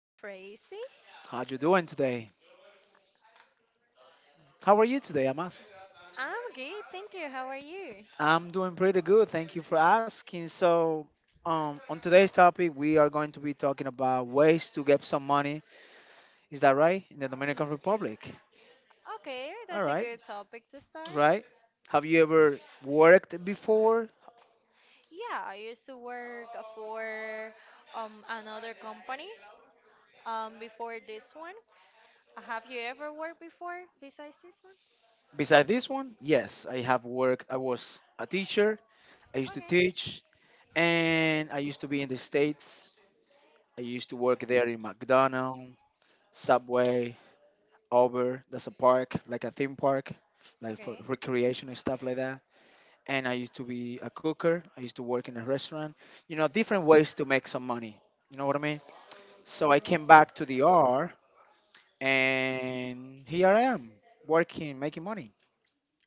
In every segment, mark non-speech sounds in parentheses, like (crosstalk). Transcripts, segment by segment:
Yeah, Tracy. How you doing today? How are you today? I'm asking. I'm good, thank you. How are you? I'm doing pretty good. Thank you for asking. So, on today's topic, we are going to be talking about ways to get some money. Is that right? In the Dominican Republic. Okay, All that's a right. good topic to start. Right. Have you ever worked before? Yeah, I used to work for another company before this one. Have you ever worked before besides this Besides this one, yes, I have worked. I was a teacher. I used one? to Okay. teach, and I used to be in the states. I used to work there in McDonald's, Subway, Uber. That's a park, like a theme park, like for Okay. recreation and stuff like that. And I used to be a cooker. I used to work in a restaurant. You know, different ways to make some money. You know what I mean? So I came back Mm. to the R, and here I am, working, making money.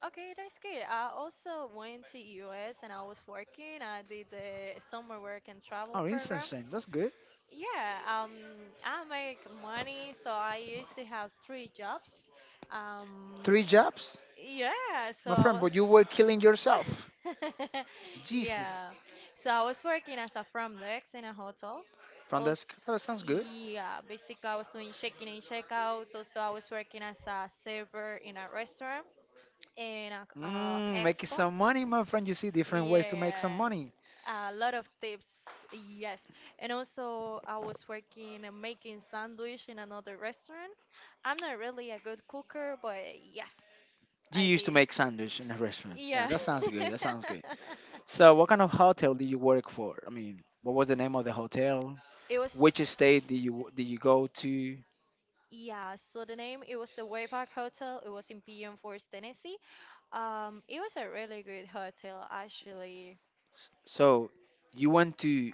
Okay, that's good. I also went to US and I was working. I did the summer work and travel Oh, program. interesting. That's good. Yeah, I make money, so I used to have three jobs. Um, Three jobs, yeah, my friend, so but you were killing yourself. (laughs) Jesus. yeah, so I was working as a front desk in a hotel. Front desk. Also, Oh, that sounds good. yeah, basically I was doing check-in and check-outs. Also, I was working as a server in a restaurant in a Mm, making expo. some money, my friend. You see different ways to make some Yeah, money. a lot of tips, yes. And also, I was working and making sandwich in another restaurant. I'm not really a good cooker, but yes, You I You used to used to did. Make make sandwich. sandwich in a restaurant. Yeah, Yeah. that sounds good. That sounds good. (laughs) So, what kind of hotel did you work for? I mean, what was the name of the hotel? It Which was. state did you go to? Yeah, so the name it was the Wayback Hotel. It was in PM Force, Tennessee. It was a really good hotel actually. So, you went to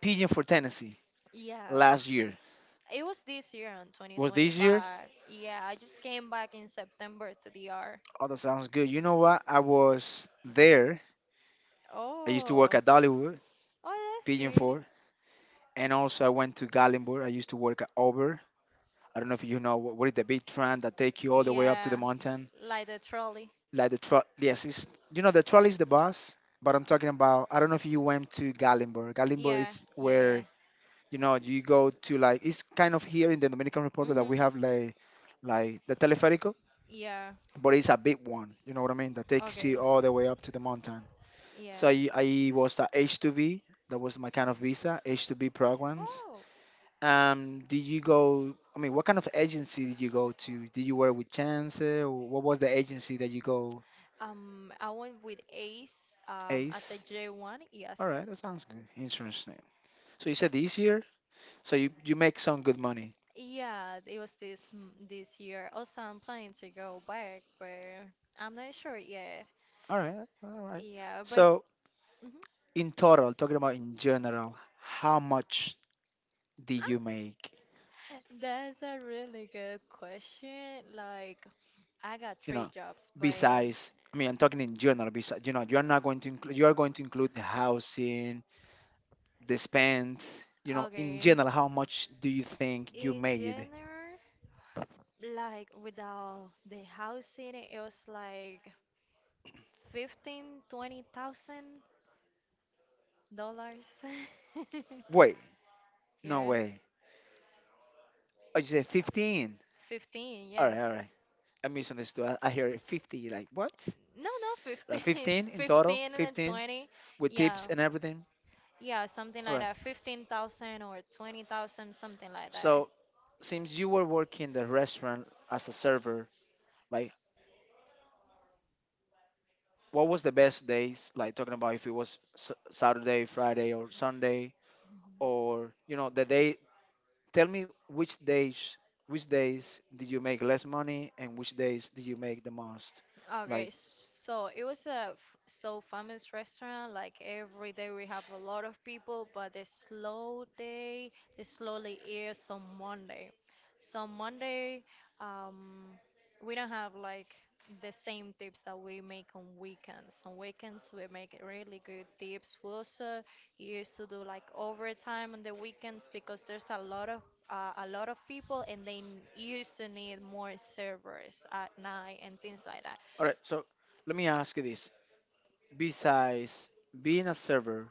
Pigeon for Tennessee Yeah, last year. it was this year in Was this year? 2025. Yeah, I just came back in September to DR. Oh, that sounds good. You know what? I was there. I used to Oh. work at Dollywood, Oh, that's Pigeon good. Ford, and also I went to Gallenburg. I used to work at Auburn. I don't know if you know what is the big train that take you all the way up to the Yeah, mountain. like the trolley. Like the truck. Yes, it's, you know, the trolley is the bus, but I'm talking about. I don't know if you went to Gallimborg. Gallimborg Yeah, is yeah, yeah. where, you know, you go to like it's kind of here in the Dominican Republic that Mm-hmm. we have like the teleférico, Yeah. but it's a big one. You know what I mean? That takes you Okay. all the way up to the mountain. So Yeah. I was at H2B. That was my kind of visa, H2B programs. Wow. Did you go? I mean, what kind of agency did you go to? Did you work with Chance? Or what was the agency that you go? I went with Ace as a Ace. J1, All right, yes. that sounds good. Interesting. So you said this year, so you make some good money. Yeah, it was this year. Also, I'm planning to go back, but I'm not sure yet. All right, all right. Yeah, but So mhm. in total, talking about in general, how much did you make? That's a really good question. Like, I got You three know, jobs, but besides. I mean, I'm talking in general. Besides, you know, you're not going to include. You are going to include the housing, the spends. You know, in okay. general, how much do you think you In made. general, like without the housing, it was like 15, $20,000. (laughs) Wait, no Yeah, way. Oh, you said 15. 15, All right, yes. all right. I misunderstood. I hear it 50. Like, what? No, no, Right, 15, 15 (laughs) in total, 15 and then 15 20. with Yeah. tips and everything. Yeah, something All like right. that. 15,000 or 20,000, something like that. So, since you were working the restaurant as a server, like, what was the best days? Like, talking about if it was Saturday, Friday, or Sunday, or, you know, the day. Tell me which days did you make less money and which days did you make the most? Like, Okay, so it was so famous restaurant. Like every day we have a lot of people, but the slow day, the slowly is on Monday. So Monday, um, we don't have like the same tips that we make on weekends. On weekends we make really good tips. We also used to do like overtime on the weekends because there's a lot of people, and used to need more servers at night and things like that. all right. So, let me ask you this. Besides being a server,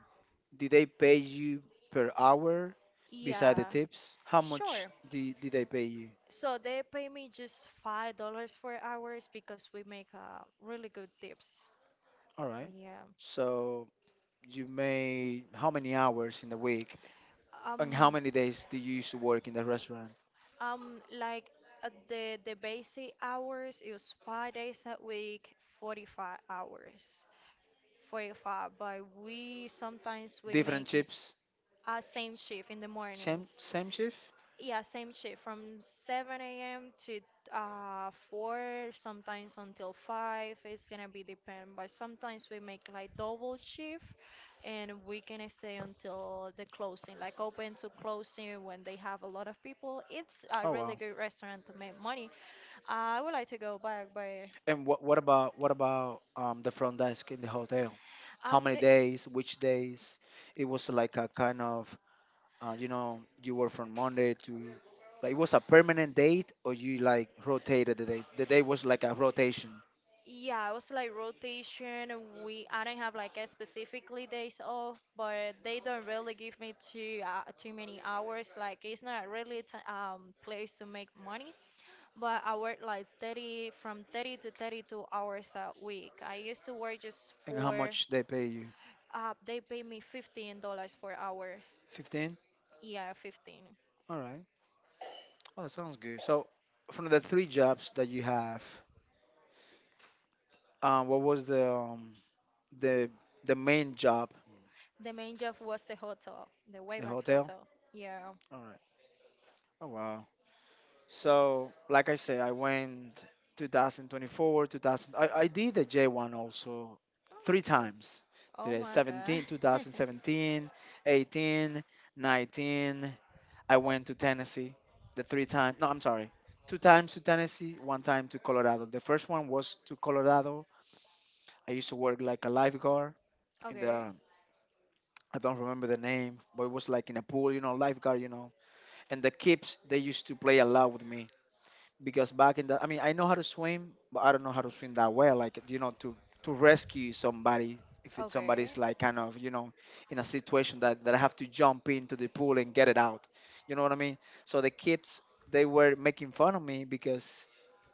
did they pay you per hour? Beside the Yeah, tips, how much sure. did they pay you? So they pay me just $5 for hours because we make really good tips. All right. Yeah. So you made how many hours in the week? And how Um. many days do you used to work in the restaurant? Like the basic hours is 5 days a week, 45 hours. 45, but we Different make shifts? a same shift in the Same, mornings, same shift? yeah, same shift from 7 a.m. to 4, sometimes until 5. It's gonna be depend, but sometimes we make like double shift, and we can stay until the closing, like open to closing. When they have a lot of people, it's a Oh really wow. good restaurant to make money. I would like to go back, but And what about what about the front desk in the hotel? How many the days? Which days? It was like a kind of you know, you work from Monday to like it was a permanent date or you like rotated the days. The day was like a rotation. Yeah, it was like rotation. We I don't have like a specifically days off, but they don't really give me too many hours. Like it's not really a t place to make money, but I work like 30, from 30 to 32 hours a week. I used to work just And how for much they pay you? They pay me $15 for hour. 15? Yeah, 15. All right. Oh, that sounds good. So from the three jobs that you have, what was the the main job? The main job was the hotel, the The Wayback hotel? Hotel. Yeah. All right. Oh wow. So, like I said, I went 2024, 2000. I did the J1 also Oh, three that's good. times. Did Oh it my God. 17, 2017, (laughs) 18, 19. I went to Tennessee the three times. No, I'm sorry. Two times to Tennessee, one time to Colorado. The first one was to Colorado. I used to work like a lifeguard in the, Okay. I don't remember the name, but it was like in a pool, you know, lifeguard, you know. And the kids, they used to play a lot with me because back in the, I mean, I know how to swim, but I don't know how to swim that well. Like, you know, to rescue somebody if it's Okay. somebody's like kind of, you know, in a situation that I have to jump into the pool and get it out. You know what I mean? So the kids, they were making fun of me because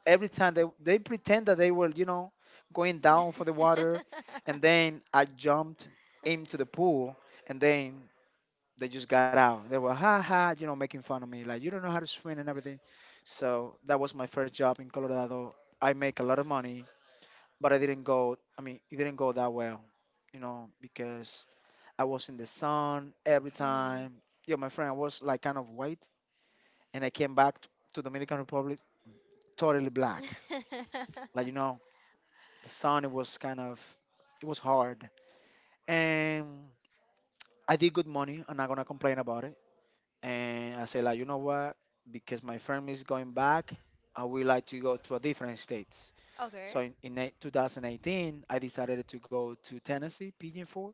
every time they pretend that they were, you know, going down for the water, and (laughs) then I jumped into the pool and then they just got out. They were ha ha, you know, making fun of me, like you don't know how to swim and everything. So that was my first job in Colorado. I make a lot of money, but I didn't go. I mean, it didn't go that well, you know, because I was in the sun every Mhm. time. Yo, my friend, I was like kind of white, and I came back to Dominican Republic totally black. Like, you know, (laughs) the sun, it was kind of, it was hard, and I did good money. I'm not gonna complain about it. And I said like, you know what? Because my firm is going back, I would like to go to a different states. Okay. So 2018, I decided to go to Tennessee, Pigeon Forge.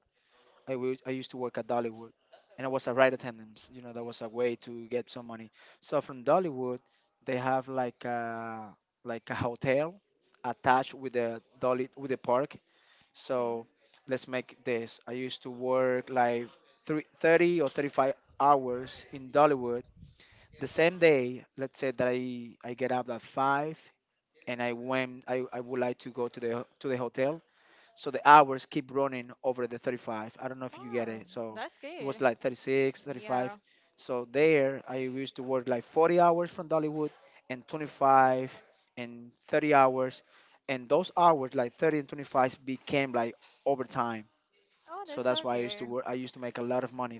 I used to work at Dollywood, and I was a ride attendant. You know, that was a way to get some money. So from Dollywood, they have like a hotel attached with the Dolly with the park. Okay. So let's make this. I used to work like 30 or 35 hours in Dollywood the same day. Let's say that I get up at 5, and I went. I would like to go to the to the hotel, so the hours keep running over the 35. I don't know if you get Wow, it. So that's it was good. like 36 Yeah. 35. So there I used to work like 40 hours from Dollywood and 25 and 30 hours, and those hours like 30 and 25 became like overtime. Oh, So that's that's so why I used to good. work I used to make a lot of money.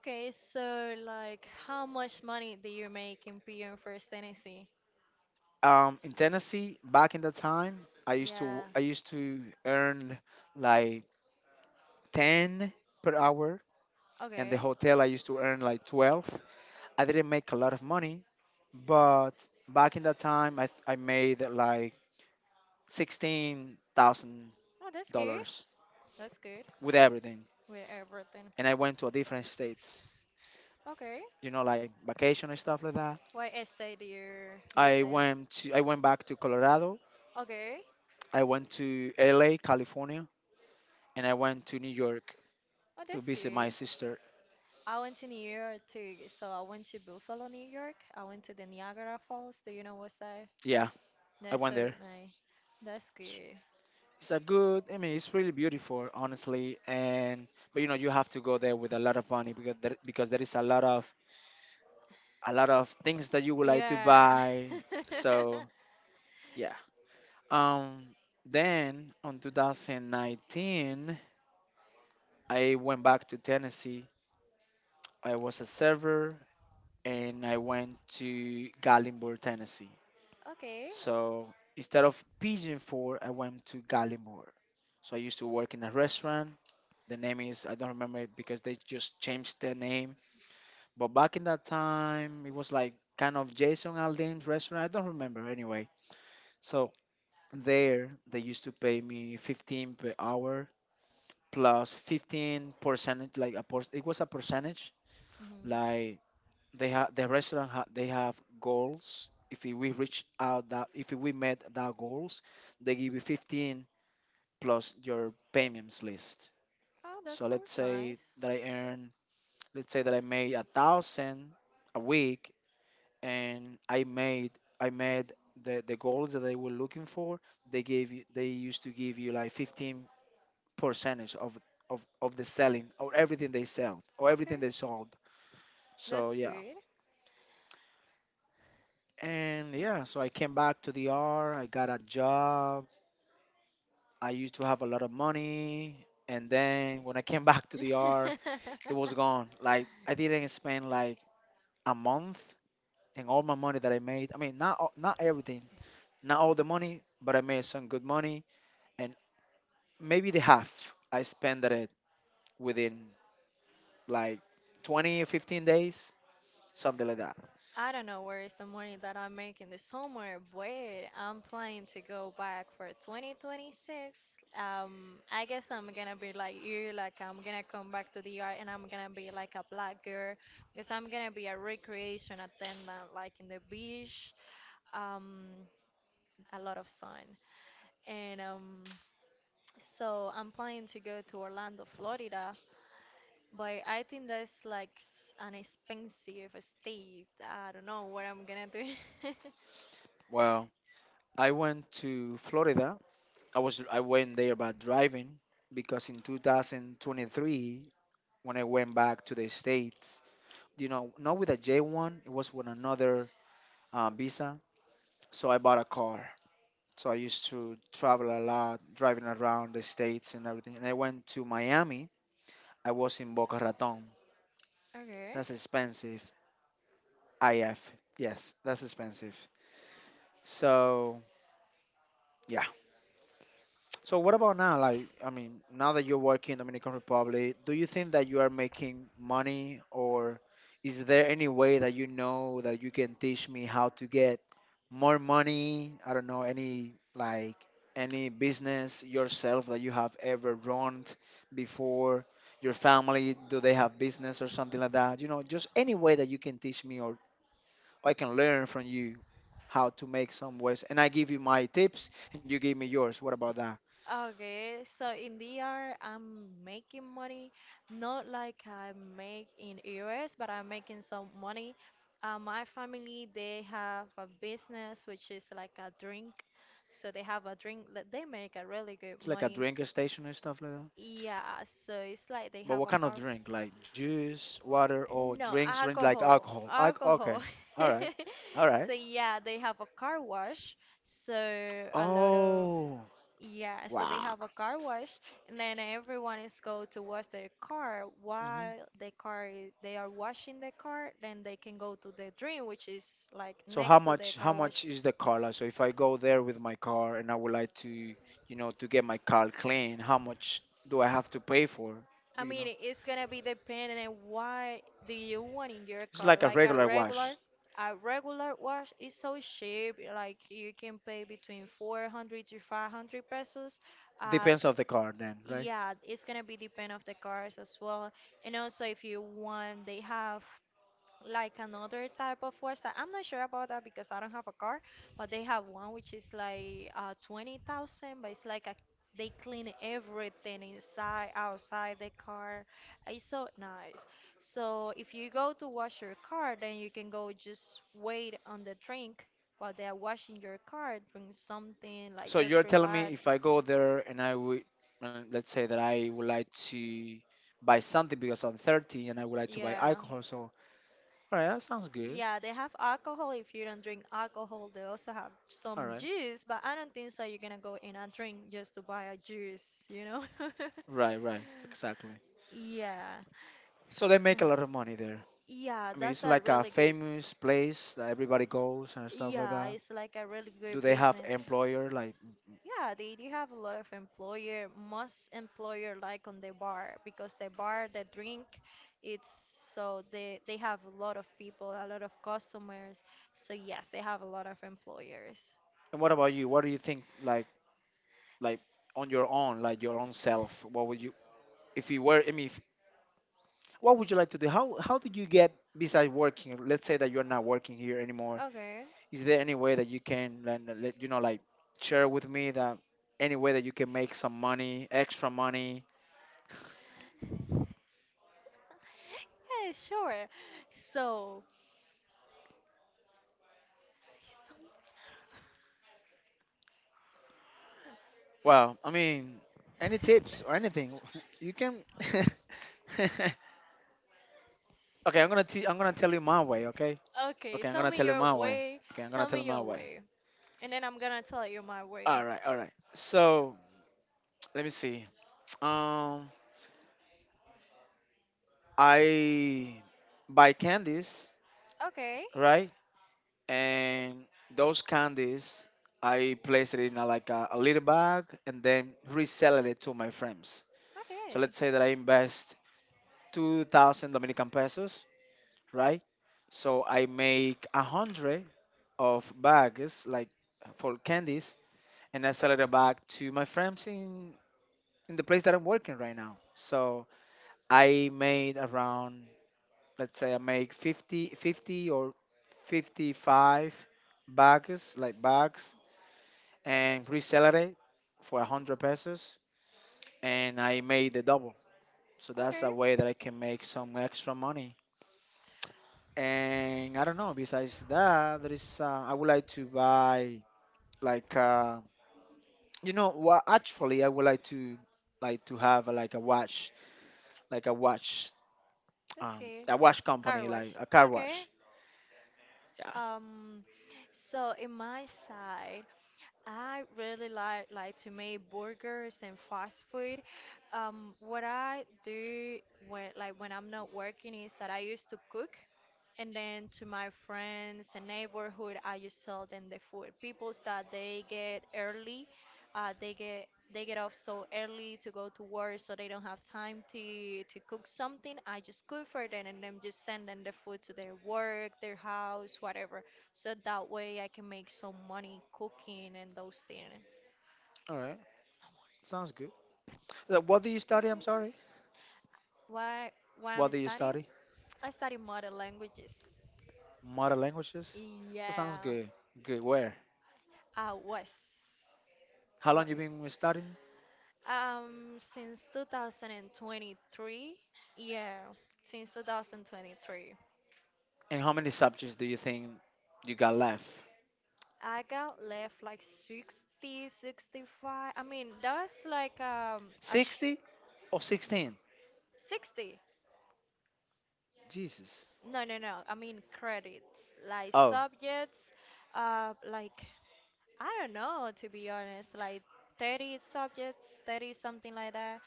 Okay, so like, how much money do you make in PM First Tennessee? In Tennessee, back in the time, Yeah. I used to earn like 10 per hour, and the Okay. hotel I used to earn like 12. I didn't make a lot of money, but back in that time, I made like sixteen thousand Oh, that's good. dollars That's good with everything, with everything. and I went to a different states, Okay. you know, like vacation and stuff like that. Why I stayed here visit? I went back to Colorado. Okay. I went to LA, California, and I went to New York Oh, to that's visit my good. sister. I went to New York too. So I went to Buffalo, New York. I went to the Niagara Falls. Do you know what's that? Yeah, I No, went sir. there. No. That's It's, good. it's a good. I mean, it's really beautiful, honestly. And but you know, you have to go there with a lot of money because there is a lot of things that you would like to Yeah. buy. (laughs) So yeah. Um. Then on 2019, I went back to Tennessee. I was a server, and I went to Gallenburg, Tennessee. Okay. So instead of Pigeon Ford, I went to Gallimore. So I used to work in a restaurant. The name is I don't remember it because they just changed the name. But back in that time, it was like kind of Jason Aldean's restaurant. I don't remember anyway. So there, they used to pay me 15 per hour plus 15 percentage, like a it was a percentage. Hmm. Like they have the restaurant, they have goals. If we reach out that, if we met that goals, they give you 15 plus your payments list. Oh, that So let's sounds say nice. that I earn, let's say that I made a thousand a week and I made the goals that they were looking for, they used to give you like 15 percentage of, of the selling or everything they sell or everything Okay, they sold. So that's yeah. good. And yeah, so I came back to the R, I got a job, I used to have a lot of money and then when I came (laughs) back to the R (laughs) it was gone. Like I didn't spend like a month and all my money that I made. I mean, not everything, not all the money, but I made some good money, and maybe the half I spent it within like 20 or 15 days, something like that. I don't know where is the money that I'm making this summer, but I'm planning to go back for 2026. I guess I'm gonna be like you, like I'm gonna come back to the yard and I'm gonna be like a black girl because I'm gonna be a recreation attendant, like in the beach, um, a lot of sun, and so I'm planning to go to Orlando, Florida, but I think that's like an expensive state. I don't know what I'm gonna do. (laughs) Well, I went to Florida. I went there by driving because in 2023, when I went back to the States, you know, not with a J one, it was with another visa. So I bought a car. So I used to travel a lot, driving around the States and everything. And I went to Miami. I was in Boca Raton. Okay. That's expensive. IF. Yes, that's expensive. So, yeah. So what about now? Like, I mean, now that you're working in Dominican Republic, do you think that you are making money, or is there any way that you know that you can teach me how to get more money? I don't know any any business yourself that you have ever run before. Your family, do they have business or something like that? You know, just any way that you can teach me or I can learn from you how to make some ways. And I give you my tips and you give me yours. What about that? Okay, so in DR, I'm making money, not like I make in US, but I'm making some money. My family, they have a business which is like a drink, so they have a drink, that they make a really good It's like a money. drink station and stuff like that. Yeah, so it's like they But have what a kind of car. drink? Like juice, water, or No, drinks, drink like alcohol, alcohol? Okay. alcohol. All right. (laughs) All So right. yeah, they have a car wash. So a lot of, Oh, yeah, so they wow. have a car wash, and then everyone is go to wash their car Hmm. while they are washing the car. Then they can go to the dream, which is like So how next to the much? How car wash. much is the car? Like, so if I go there with my car and I would like to, you know, to get my car clean, how much do I have to pay for? I Do you mean, know? it's gonna be depending on what do you want in your It's car. like a Like regular wash. a regular wash is so cheap. Like you can pay between 400 to 500 pesos. Uh, Depends of the car, then, right? yeah, it's gonna be depend of the cars as well. And also, if you want, they have like another type of watch that I'm not sure about that because I don't have a car, but they have one which is like 20,000, but it's like they clean everything inside, outside the car. It's so nice. So if you go to wash your car, then you can go just wait on the drink while they are washing your car, drink something, like So you're just telling me relax. if I go there and I would, let's say that I would like to buy something because I'm 30 and I would like to buy Yeah. alcohol. So, all right, that sounds good. Yeah, they have alcohol. If you don't drink alcohol, they also have All some right. juice, but I don't think so you're gonna go in and drink just to buy a juice, you know? (laughs) Right, right. Exactly. Yeah. So So- they make a lot of money there. yeah, I mean, it's that's a like a really good. famous place that everybody goes and stuff like Yeah, that. it's like a really Do good they have business. employer like. Yeah, they do have a lot of employer, most employer like on the bar because the bar, the drink, it's so they have a lot of people, a lot of customers. So yes, they have a lot of employers. And what about you? What do you think like on your own, like your own self? What would you if you were I mean, if, what would you like to do? How did you get besides working? Let's say that you're not working here anymore, Okay. is there any way that you can, you know, like share with me that any way that you can make some money extra money? Yeah, sure. So, say something. Well, I mean, any tips or anything (laughs) you can. (laughs) Okay, I'm gonna tell you my way. Okay. Okay, Okay, I'm tell gonna me tell you your my way. way. Okay, I'm gonna Tell tell you me my your way. way, and then I'm gonna tell you my way. All right, all right. So (tsk) let me see. um I buy candies, Okay. right? And those candies I placed it in a, a little bag and then reselling it to my friends. So Okay. let's say that I invest 2,000 Dominican pesos, right? So I make a hundred of bags like for candies, and I sell it back to my friends in the place that I'm working right now. So I made around, let's say I make 50 or 55 bags like bags, and resell it for 100 pesos, and I made the double. So that's Okay. a way that I can make some extra money. And I don't know, besides that, there is, I would like to buy like, uh, you know, what actually I would like to have like a watch, like a watch, That's good. a watch Car company, wash. like a car Okay. wash. Yeah. Um, so in my side, I really like to make burgers and fast food. What I do when I'm not working is that I used to cook. And then to my friends and neighborhood, I just sell them the food. People that they get early, uh, they get they get off so early to go to work, so they don't have time to cook something. I just cook for them and then just send them the food to their work, their house, whatever. So that way I can make some money cooking and those things. All right. Sounds good. What do you study? I'm sorry. Why I'm What do you studying? study? I study modern languages. Mother languages. That sounds Yeah, good. Good. Where? I was. How long What? you been studying? Since 2023, yeah, since 2023, And how many subjects do you think you got left? I got left like 60, 65. I mean, that's like a sh 60 or 16? 60. Jesus. No, no, no. I mean credits, like Oh, subjects, like I don't know to be honest, like 30 subjects, 30 something like that,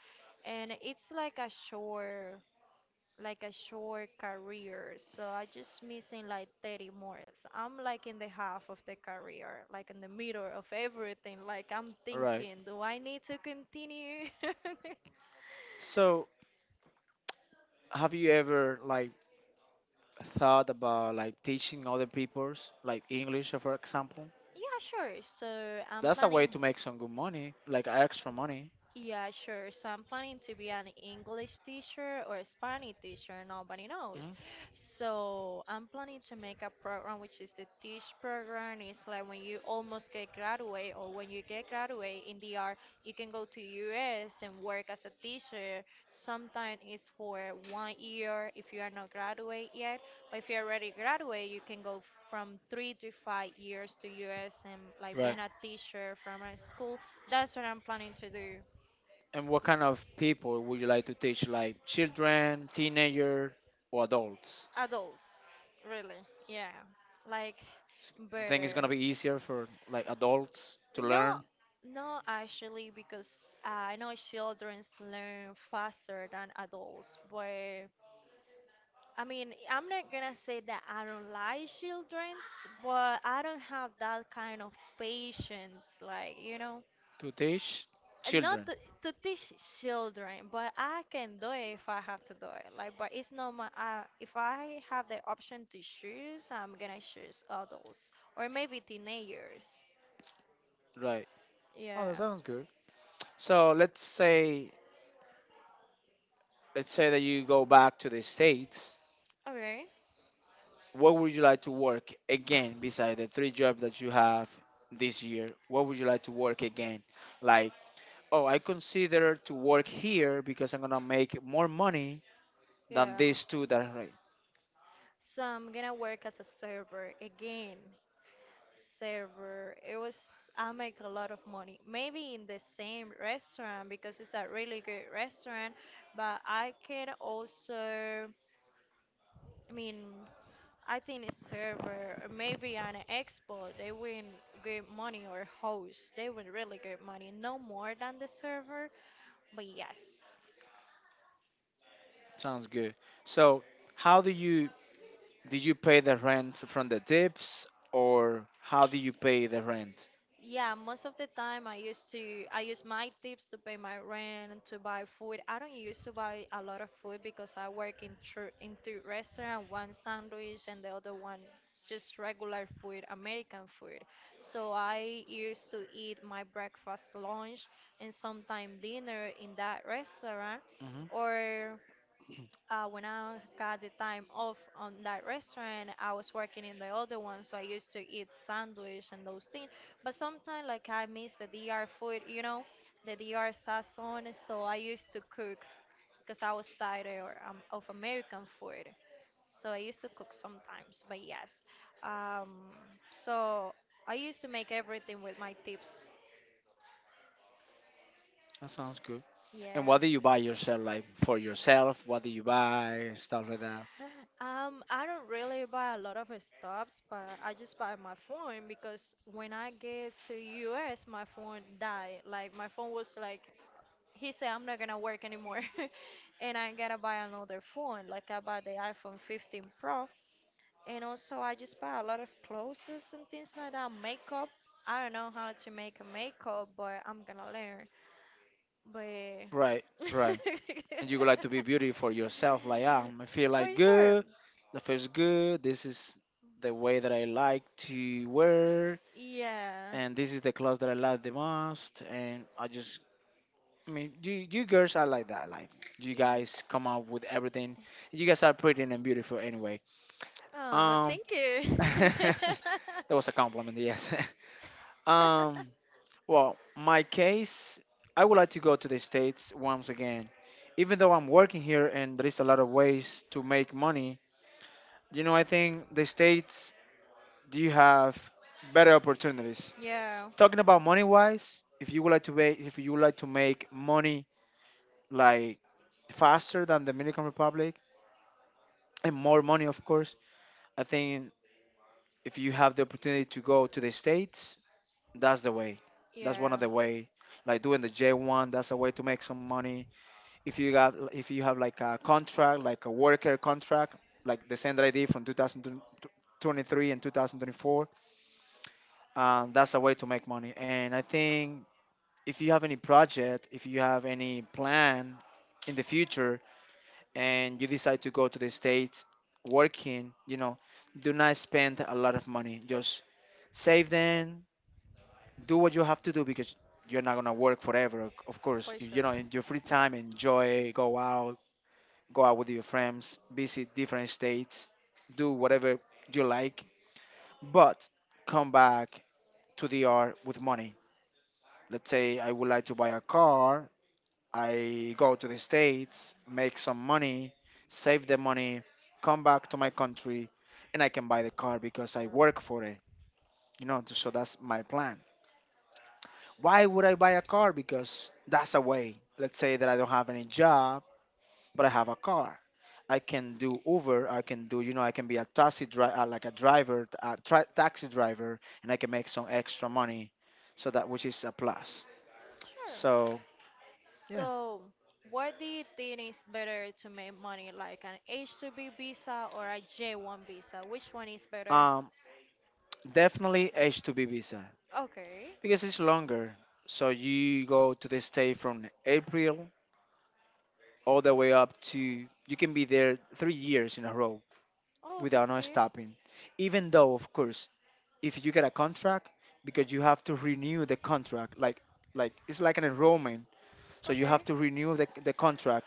and it's like a short career. So I just missing like 30 more. So I'm like in the half of the career, like in the middle of everything. Like I'm all right. thinking, do I need to continue? (laughs) So, have you ever thought about like teaching other people's like English, for example? Yeah, sure. So I'm That's a way planning. to make some good money, like extra money. Yeah, sure. So I'm planning to be an English teacher or a Spanish teacher, nobody knows. Hmm. So I'm planning to make a program which is the teach program. It's like when you almost get graduate or when you get graduate in the art, you can go to US and work as a teacher. Sometimes it's for 1 year if you are not graduate yet, but if you already graduate, you can go from 3 to 5 years to US and like Right. being a teacher from a school. That's what I'm planning to do. And what kind of people would you like to teach? Like children, teenager, or adults? Adults, really. Yeah, like S- You think it's better. gonna be easier for like adults to No, learn no, actually, because I know children learn faster than adults. But I mean, I'm not gonna say that I don't like children, but I don't have that kind of patience. Like, to teach not children? to teach children, but I can do it if I have to do it. Like, but it's not my. If I have the option to choose, I'm gonna choose adults or maybe teenagers. Right. Oh, that Yeah. sounds good. So let's say that you go back to the States. Okay. What would you like to work again beside the three jobs that you have this year? What would you like to work again? Like, oh, I consider to work here because I'm gonna make more money than Yeah. these two that are right. So I'm gonna work as a server again. Server. It was I make a lot of money. Maybe in the same restaurant because it's a really good restaurant, but I can also, I mean, I think it's server or maybe on an expo they win good money, or host they win really good money, no more than the server, but yes. Sounds good. So how do you, do you pay the rent from the tips or how do you pay the rent? Yeah, most of the time I use my tips to pay my rent and to buy food. I don't used to buy a lot of food because I work in two restaurant, one sandwich and the other one just regular food, American food. So I used to eat my breakfast, lunch, and sometime dinner in that restaurant, Hmm. or when I got the time off on that restaurant, I was working in the other one, so I used to eat sandwich and those things. But sometimes, like I miss the D.R. food, you know, the DR sazon. So I used to cook because I was tired or, of American food. So I used to cook sometimes. But yes, um, so I used to make everything with my tips. That sounds good. And Yeah. what do you buy yourself? Like for yourself, what do you buy? Stuff like that. I don't really buy a lot of stuffs, but I just buy my phone because when I get to US, my phone died. Like my phone was like, he said I'm not gonna work anymore, (laughs) and I gotta buy another phone. Like I buy the iPhone 15 Pro, and also I just buy a lot of clothes and things like that. Makeup. I don't know how to make a makeup, but I'm gonna learn. But (laughs) Right, right. And you would like to be beautiful yourself, like, I feel for like sure, good, the feels good, this is the way that I like to wear, yeah. and this is the clothes that I like the most, and I just, I mean, you girls are like that, like you E- guys come out with everything. You guys are pretty and beautiful anyway. oh, Um, thank you. (laughs) that (laughs) was a compliment, yes. (laughs) Um, well, my case, I would like to go to the States once again. Even though I'm working here and there is a lot of ways to make money, you know, I think the States, do you have better opportunities? Yeah, Talking about money wise, if you would like to make, if you would like to make money like faster than the Dominican Republic and more money, of course, I think if you have the opportunity to go to the States, that's the way. That's one of yeah, the way. Like doing the J1, that's a way to make some money if you got, if you have like a contract, like a worker contract, like the sender id from 2023 and 2024. Um, that's a way to make money, and I think if you have any project, if you have any plan in the future and you decide to go to the States working, you know, do not spend a lot of money, just save them. Do what you have to do because you're not gonna work forever, of course. for You know, sure. in your free time, enjoy, go out, go out with your friends, visit different states, do whatever you like, but come back to the DR with money. Let's say I would like to buy a car, I go to the States, make some money, save the money, come back to my country, and I can buy the car because I work for it. You know, so that's my plan. Why would I buy a car? Because that's a way. Let's say that I don't have any job, but I have a car. I can do Uber. I can do, you know, I can be a taxi driver, like a driver, taxi driver, and I can make some extra money. So that which is a plus. Sure. Sure. So yeah, So, what do you think is better to make money, like an H-2B visa or a J-1 visa? Which one is better? um, definitely H-2B visa Okay. because it's longer. So you go to the state from April all the way up to, you can be there 3 years in a row Oh, without that's no good. stopping. Even though, of course, if you get a contract, because you have to renew the contract, it's like an enrollment. So you Okay. have to renew the contract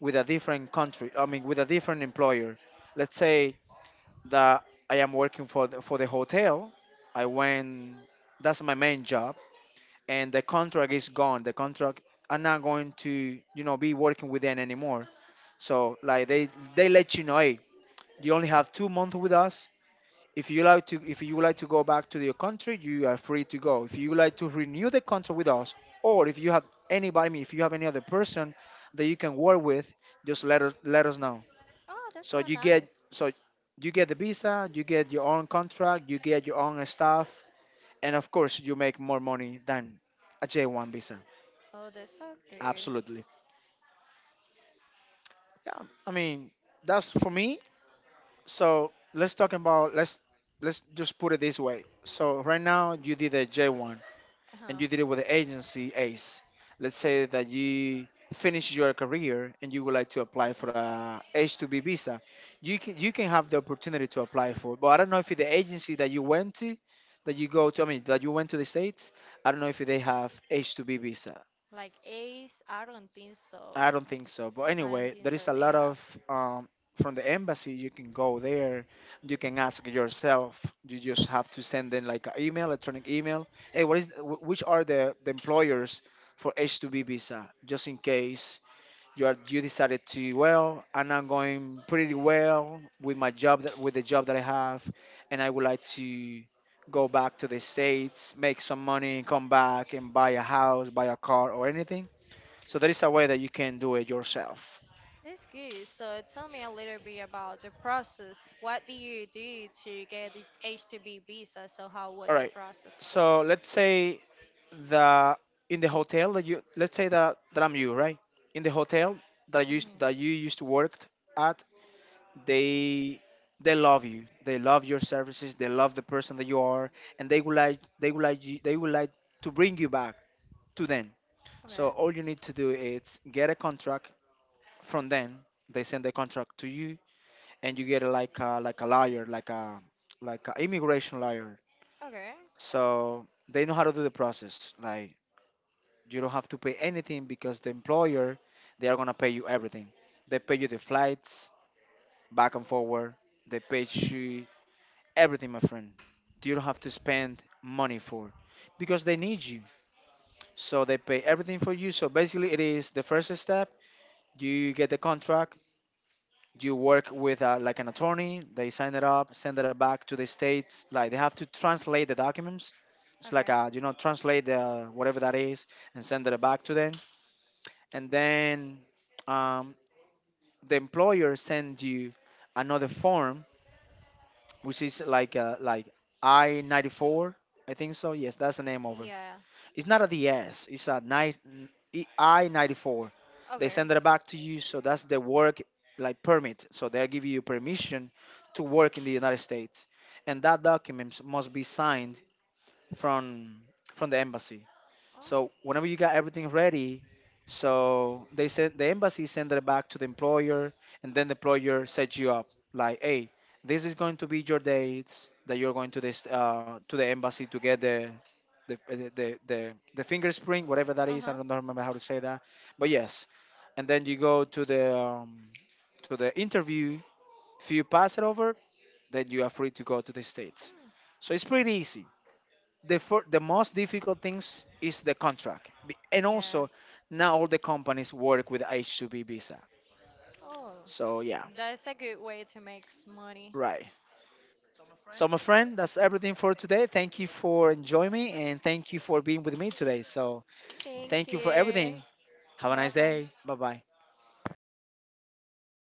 with a different country, I mean, with a different employer. Let's say that I am working for for the hotel. I went, that's my main job, and the contract is gone. The contract, I'm not going to, you know, be working with them anymore. So like they let you know, hey, you only have 2 months with us. If you like to go back to your country, you are free to go. If you like to renew the contract with us, or if you have anybody, I mean, if you have any other person that you can work with, just let us know. Oh, So that's not you get, nice. so you get the visa, you get your own contract, you get your own staff, and of course you make more money than a J1 visa. Oh, that's so good. Absolutely. Yeah. I mean, that's for me. So let's talk about, let's just put it this way. So right now you did a J1. And Uh-huh. you did it with the agency ACE. Let's say that you finish your career and you would like to apply for a H-2B visa. You can have the opportunity to apply for it. But I don't know if the agency that you went to, that you go to, I mean, that you went to the States, I don't know if they have H-2B visa. Like Ace, I don't think so. I don't think so. But I don't anyway, think there so is a they lot have. of from the embassy. You can go there. You can ask yourself. You just have to send them like an email, electronic email. Hey, which are the employers for H-2B visa? Just in case you decided to, well, and I'm going pretty well with with the job that I have, and I would like to go back to the States, make some money, come back and buy a house, buy a car, or anything. So there is a way that you can do it yourself. That's good. So tell me a little bit about the process. What did you do to get the H-2B visa? So how was All the right. process? So let's say that in the hotel that you let's say that, that I'm you, right? In the hotel Hmm. that you used to work at, they they love you. They love your services. They love the person that you are, and they would like to bring you back to them. So Okay. all you need to do is get a contract from them. They send the contract to you, and you get a, like a, like a lawyer, like a like an immigration lawyer. Okay. So they know how to do the process. Like, you don't have to pay anything because the employer, they are gonna pay you everything. They pay you the flights back and forward. They pay you everything, my friend. You don't have to spend money for, because they need you. So they pay everything for you. So basically, it is the first step. You get the contract. You work with like an attorney. They sign it up, send it back to the States. Like, they have to translate the documents. It's Okay. like, translate the whatever that is, and send it back to them. And then, um, the employer send you another form, which is like I-94. I think so, yes, that's the name of it. Yeah. It's not a DS. It's a nine I-94. They Okay. send it back to you, so that's the work like permit. So they give you permission to work in the United States, and that document must be signed from from the embassy. So Oh. whenever you got everything ready, so the embassy sent it back to the employer, and then the employer sets you up like, hey, this is going to be your dates that you're going to this, to the embassy to get the finger spring, whatever that Uh is. I huh. don't know- remember how to say that, but yes, and then you go to the interview. If you pass it over, then you are free to go to the States. So it's pretty easy. The most difficult things is the contract, and Yeah. also not all the companies work with H2B visa. Oh, So yeah, that's a good way to make money. right. So my friend, that's everything for today. Thank you for enjoying me, and thank you for being with me today. So thank Thank you for you. everything. Have a Bye nice bye. day. Bye bye.